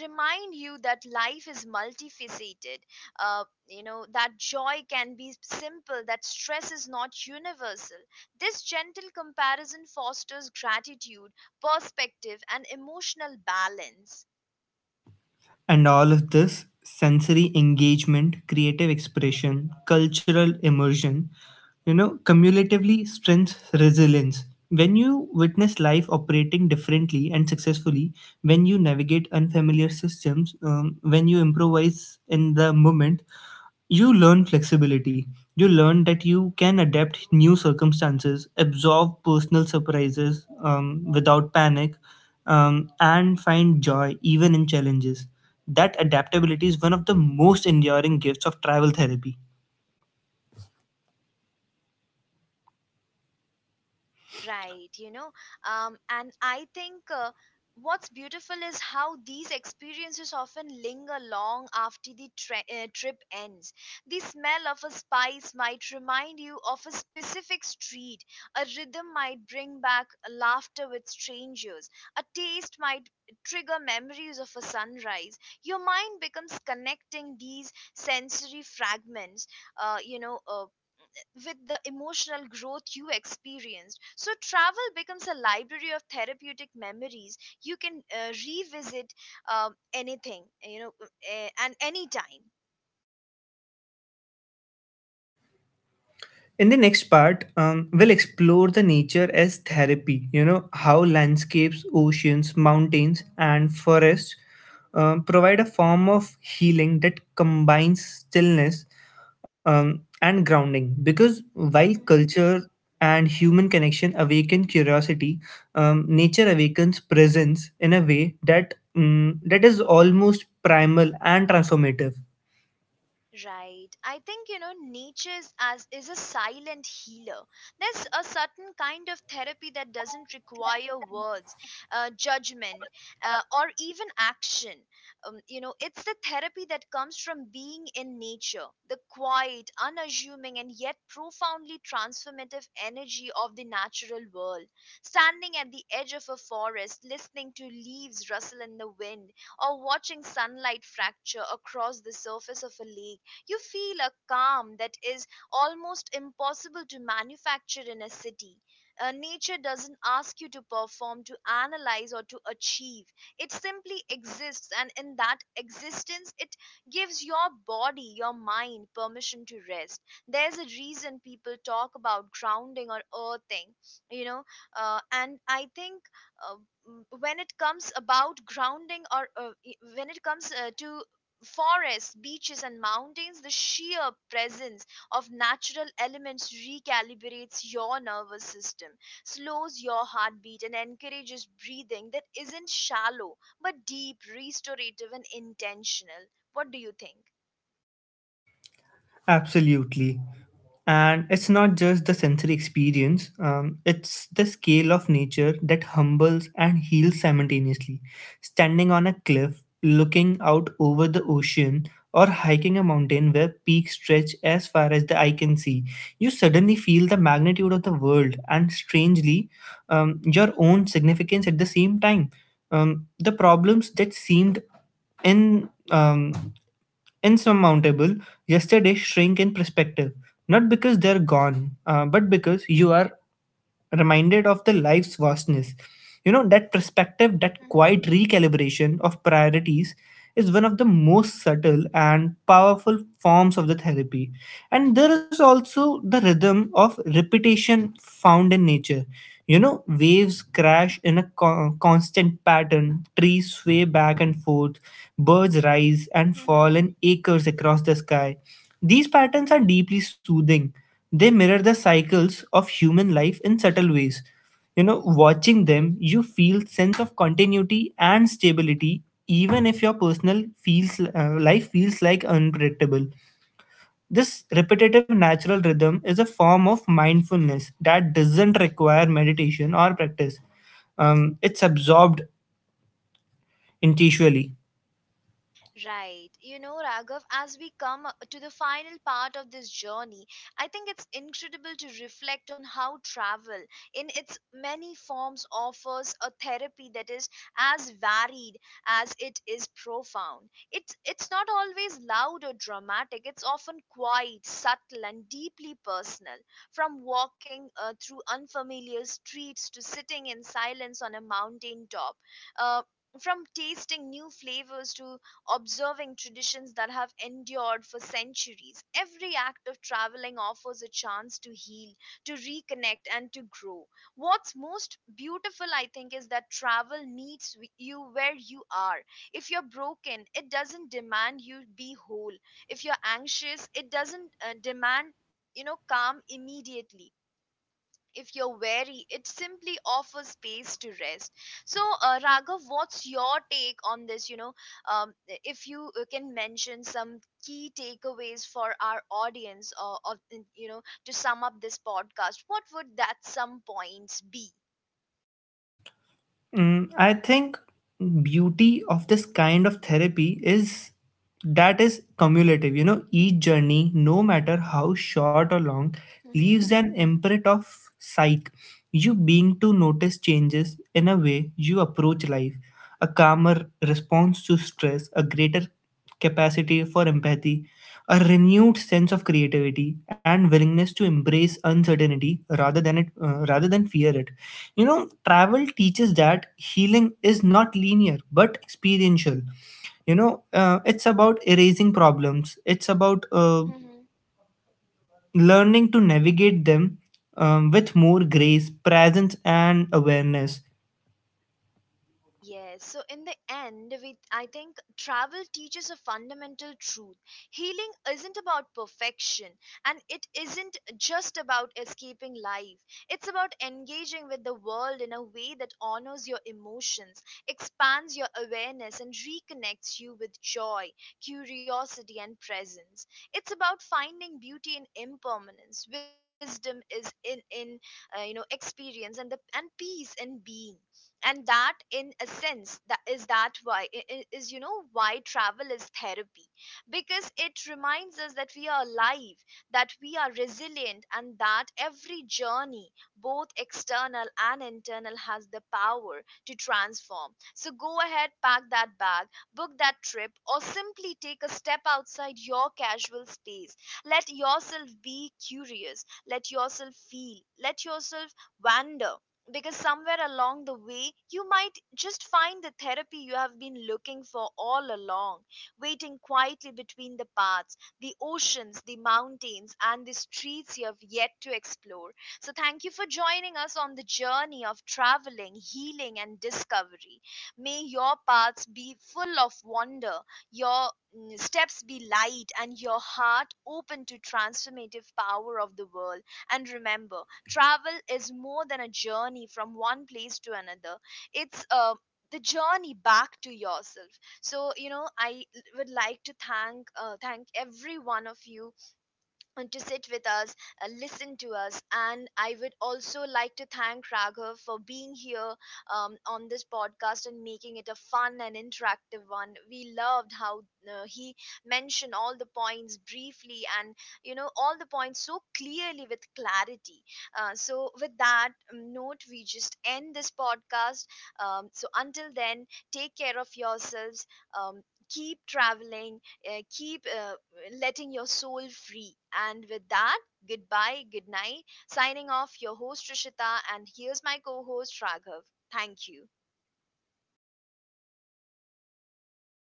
[SPEAKER 1] remind you that life is multifaceted, that joy can be simple, that stress is not universal. This gentle comparison fosters gratitude, perspective and emotional balance.
[SPEAKER 2] And all of this sensory engagement, creative expression, cultural immersion, you know, cumulatively strengths resilience. When you witness life operating differently and successfully, when you navigate unfamiliar systems, when you improvise in the moment, you learn flexibility. You learn that you can adapt new circumstances, absorb personal surprises without panic, and find joy even in challenges. That adaptability is one of the most enduring gifts of travel therapy.
[SPEAKER 1] Right, and I think what's beautiful is how these experiences often linger long after the trip ends. The smell of a spice might remind you of a specific street, a rhythm might bring back laughter with strangers, a taste might trigger memories of a sunrise. Your mind becomes connecting these sensory fragments, uh, you know, uh, with the emotional growth you experienced. So, travel becomes a library of therapeutic memories. You can revisit anything, and anytime.
[SPEAKER 2] In the next part, we'll explore the nature as therapy, you know, how landscapes, oceans, mountains, and forests provide a form of healing that combines stillness and grounding. Because while
[SPEAKER 1] Mhm.
[SPEAKER 2] culture and human connection awaken curiosity, nature awakens presence in a way that is almost primal and transformative.
[SPEAKER 1] Right. I think Nietzsche's as is a silent healer. There's a certain kind of therapy that doesn't require words, judgment, or even action. It's the therapy that comes from being in nature, the quiet, unassuming, and yet profoundly transformative energy of the natural world. Standing at the edge of a forest, listening to leaves rustle in the wind, or watching sunlight fracture across the surface of a lake, you feel a calm that is almost impossible to manufacture in a city. Nature doesn't ask you to perform, to analyze, or to achieve. It simply exists, and in that existence, it gives your body, your mind permission to rest. There's a reason people talk about grounding or earthing, you know, and I think uh, m- when it comes about grounding or I- when it comes to forests, beaches, and mountains, the sheer presence of natural elements recalibrates your nervous system, slows your heartbeat, and encourages breathing that isn't shallow but deep, restorative, and intentional. What do you think?
[SPEAKER 2] Absolutely. And it's not just the sensory experience, it's the scale of nature that humbles and heals simultaneously. Standing on a cliff, looking out over the ocean, or hiking a mountain where peaks stretch as far as the eye can see, you suddenly feel the magnitude of the world and, strangely, your own significance at the same time. The problems that seemed in insurmountable yesterday shrink in perspective, not because they're gone, but because you are reminded of the life's vastness. You know, that
[SPEAKER 1] Hmm.
[SPEAKER 2] perspective, that quiet recalibration of priorities is one of the most subtle and powerful forms of the therapy. And there is also the rhythm of repetition found in nature. You know, waves crash in a constant pattern, trees sway back and forth, birds rise and
[SPEAKER 1] Hmm.
[SPEAKER 2] fall in acres across the sky. These patterns are deeply soothing. They mirror the cycles of human life in subtle ways. You know, watching them, you feel sense of continuity and stability even if your personal feels life feels like unpredictable. This repetitive natural rhythm is a form of mindfulness that doesn't require meditation or practice. It's absorbed intuitively.
[SPEAKER 1] Right. You know, Raghav, as we come up to the final part of this journey, I think it's incredible to reflect on how travel, in its many forms, offers a therapy that is as varied as it is profound. It's not always loud or dramatic, it's often quiet, subtle, and deeply personal. From walking through unfamiliar streets to sitting in silence on a mountain top, uh, from tasting new flavors to observing traditions that have endured for centuries. Every act of traveling offers a chance to heal, to reconnect, and to grow. What's most beautiful, I think, is that travel meets you where you are. If you're broken, it doesn't demand you be whole. If you're anxious, it doesn't demand calm immediately. If you're wary, it simply offers space to rest. So, Raghav, what's your take on this? Um, if you can mention some key takeaways for our audience, or to sum up this podcast, what would that some points be?
[SPEAKER 2] Mm, I think beauty of this kind of therapy is that is cumulative. You know, each journey, no matter how short or long,
[SPEAKER 1] Mm-hmm.
[SPEAKER 2] leaves an imprint of psyche. You being to notice changes in a way you approach life, a calmer response to stress, a greater capacity for empathy, a renewed sense of creativity, and willingness to embrace uncertainty rather than fear it. You know, travel teaches that healing is not linear but experiential. You know, it's about erasing problems. It's about learning to navigate them with more grace, presence, and awareness.
[SPEAKER 1] Yes, so in the end, we I think travel teaches a fundamental truth. Healing isn't about perfection, and it isn't just about escaping life. It's about engaging with the world in a way that honors your emotions, expands your awareness, and reconnects you with joy, curiosity, and presence. It's about finding beauty in impermanence, wisdom is in you know experience, and peace in being. And that, in a sense, that is that why I- is you know why travel is therapy, because it reminds us that we are alive, that we are resilient, and that every journey, both external and internal, has the power to transform. So go ahead, pack that bag, book that trip, or simply take a step outside your casual space. Let yourself be curious, let yourself feel, let yourself wander, because somewhere along the way you might just find the therapy you have been looking for all along, waiting quietly between the paths, the oceans, the mountains, and the streets you have yet to explore. So thank you for joining us on the journey of traveling, healing, and discovery. May your paths be full of wonder, your steps be light, and your heart open to transformative power of the world. And remember, travel is more than a journey from one place to another. It's the journey back to yourself. So I would like to thank every one of you and to sit with us, listen to us. And I would also like to thank Raghav for being here on this podcast and making it a fun and interactive one. We loved how he mentioned all the points briefly and, all the points so clearly with clarity. So, with that note, we just end this podcast. So, until then, take care of yourselves. Um, keep traveling, keep letting your soul free. And with that, goodbye, good night. Signing off, your host Rishita, and here's my co host Raghav. Thank you.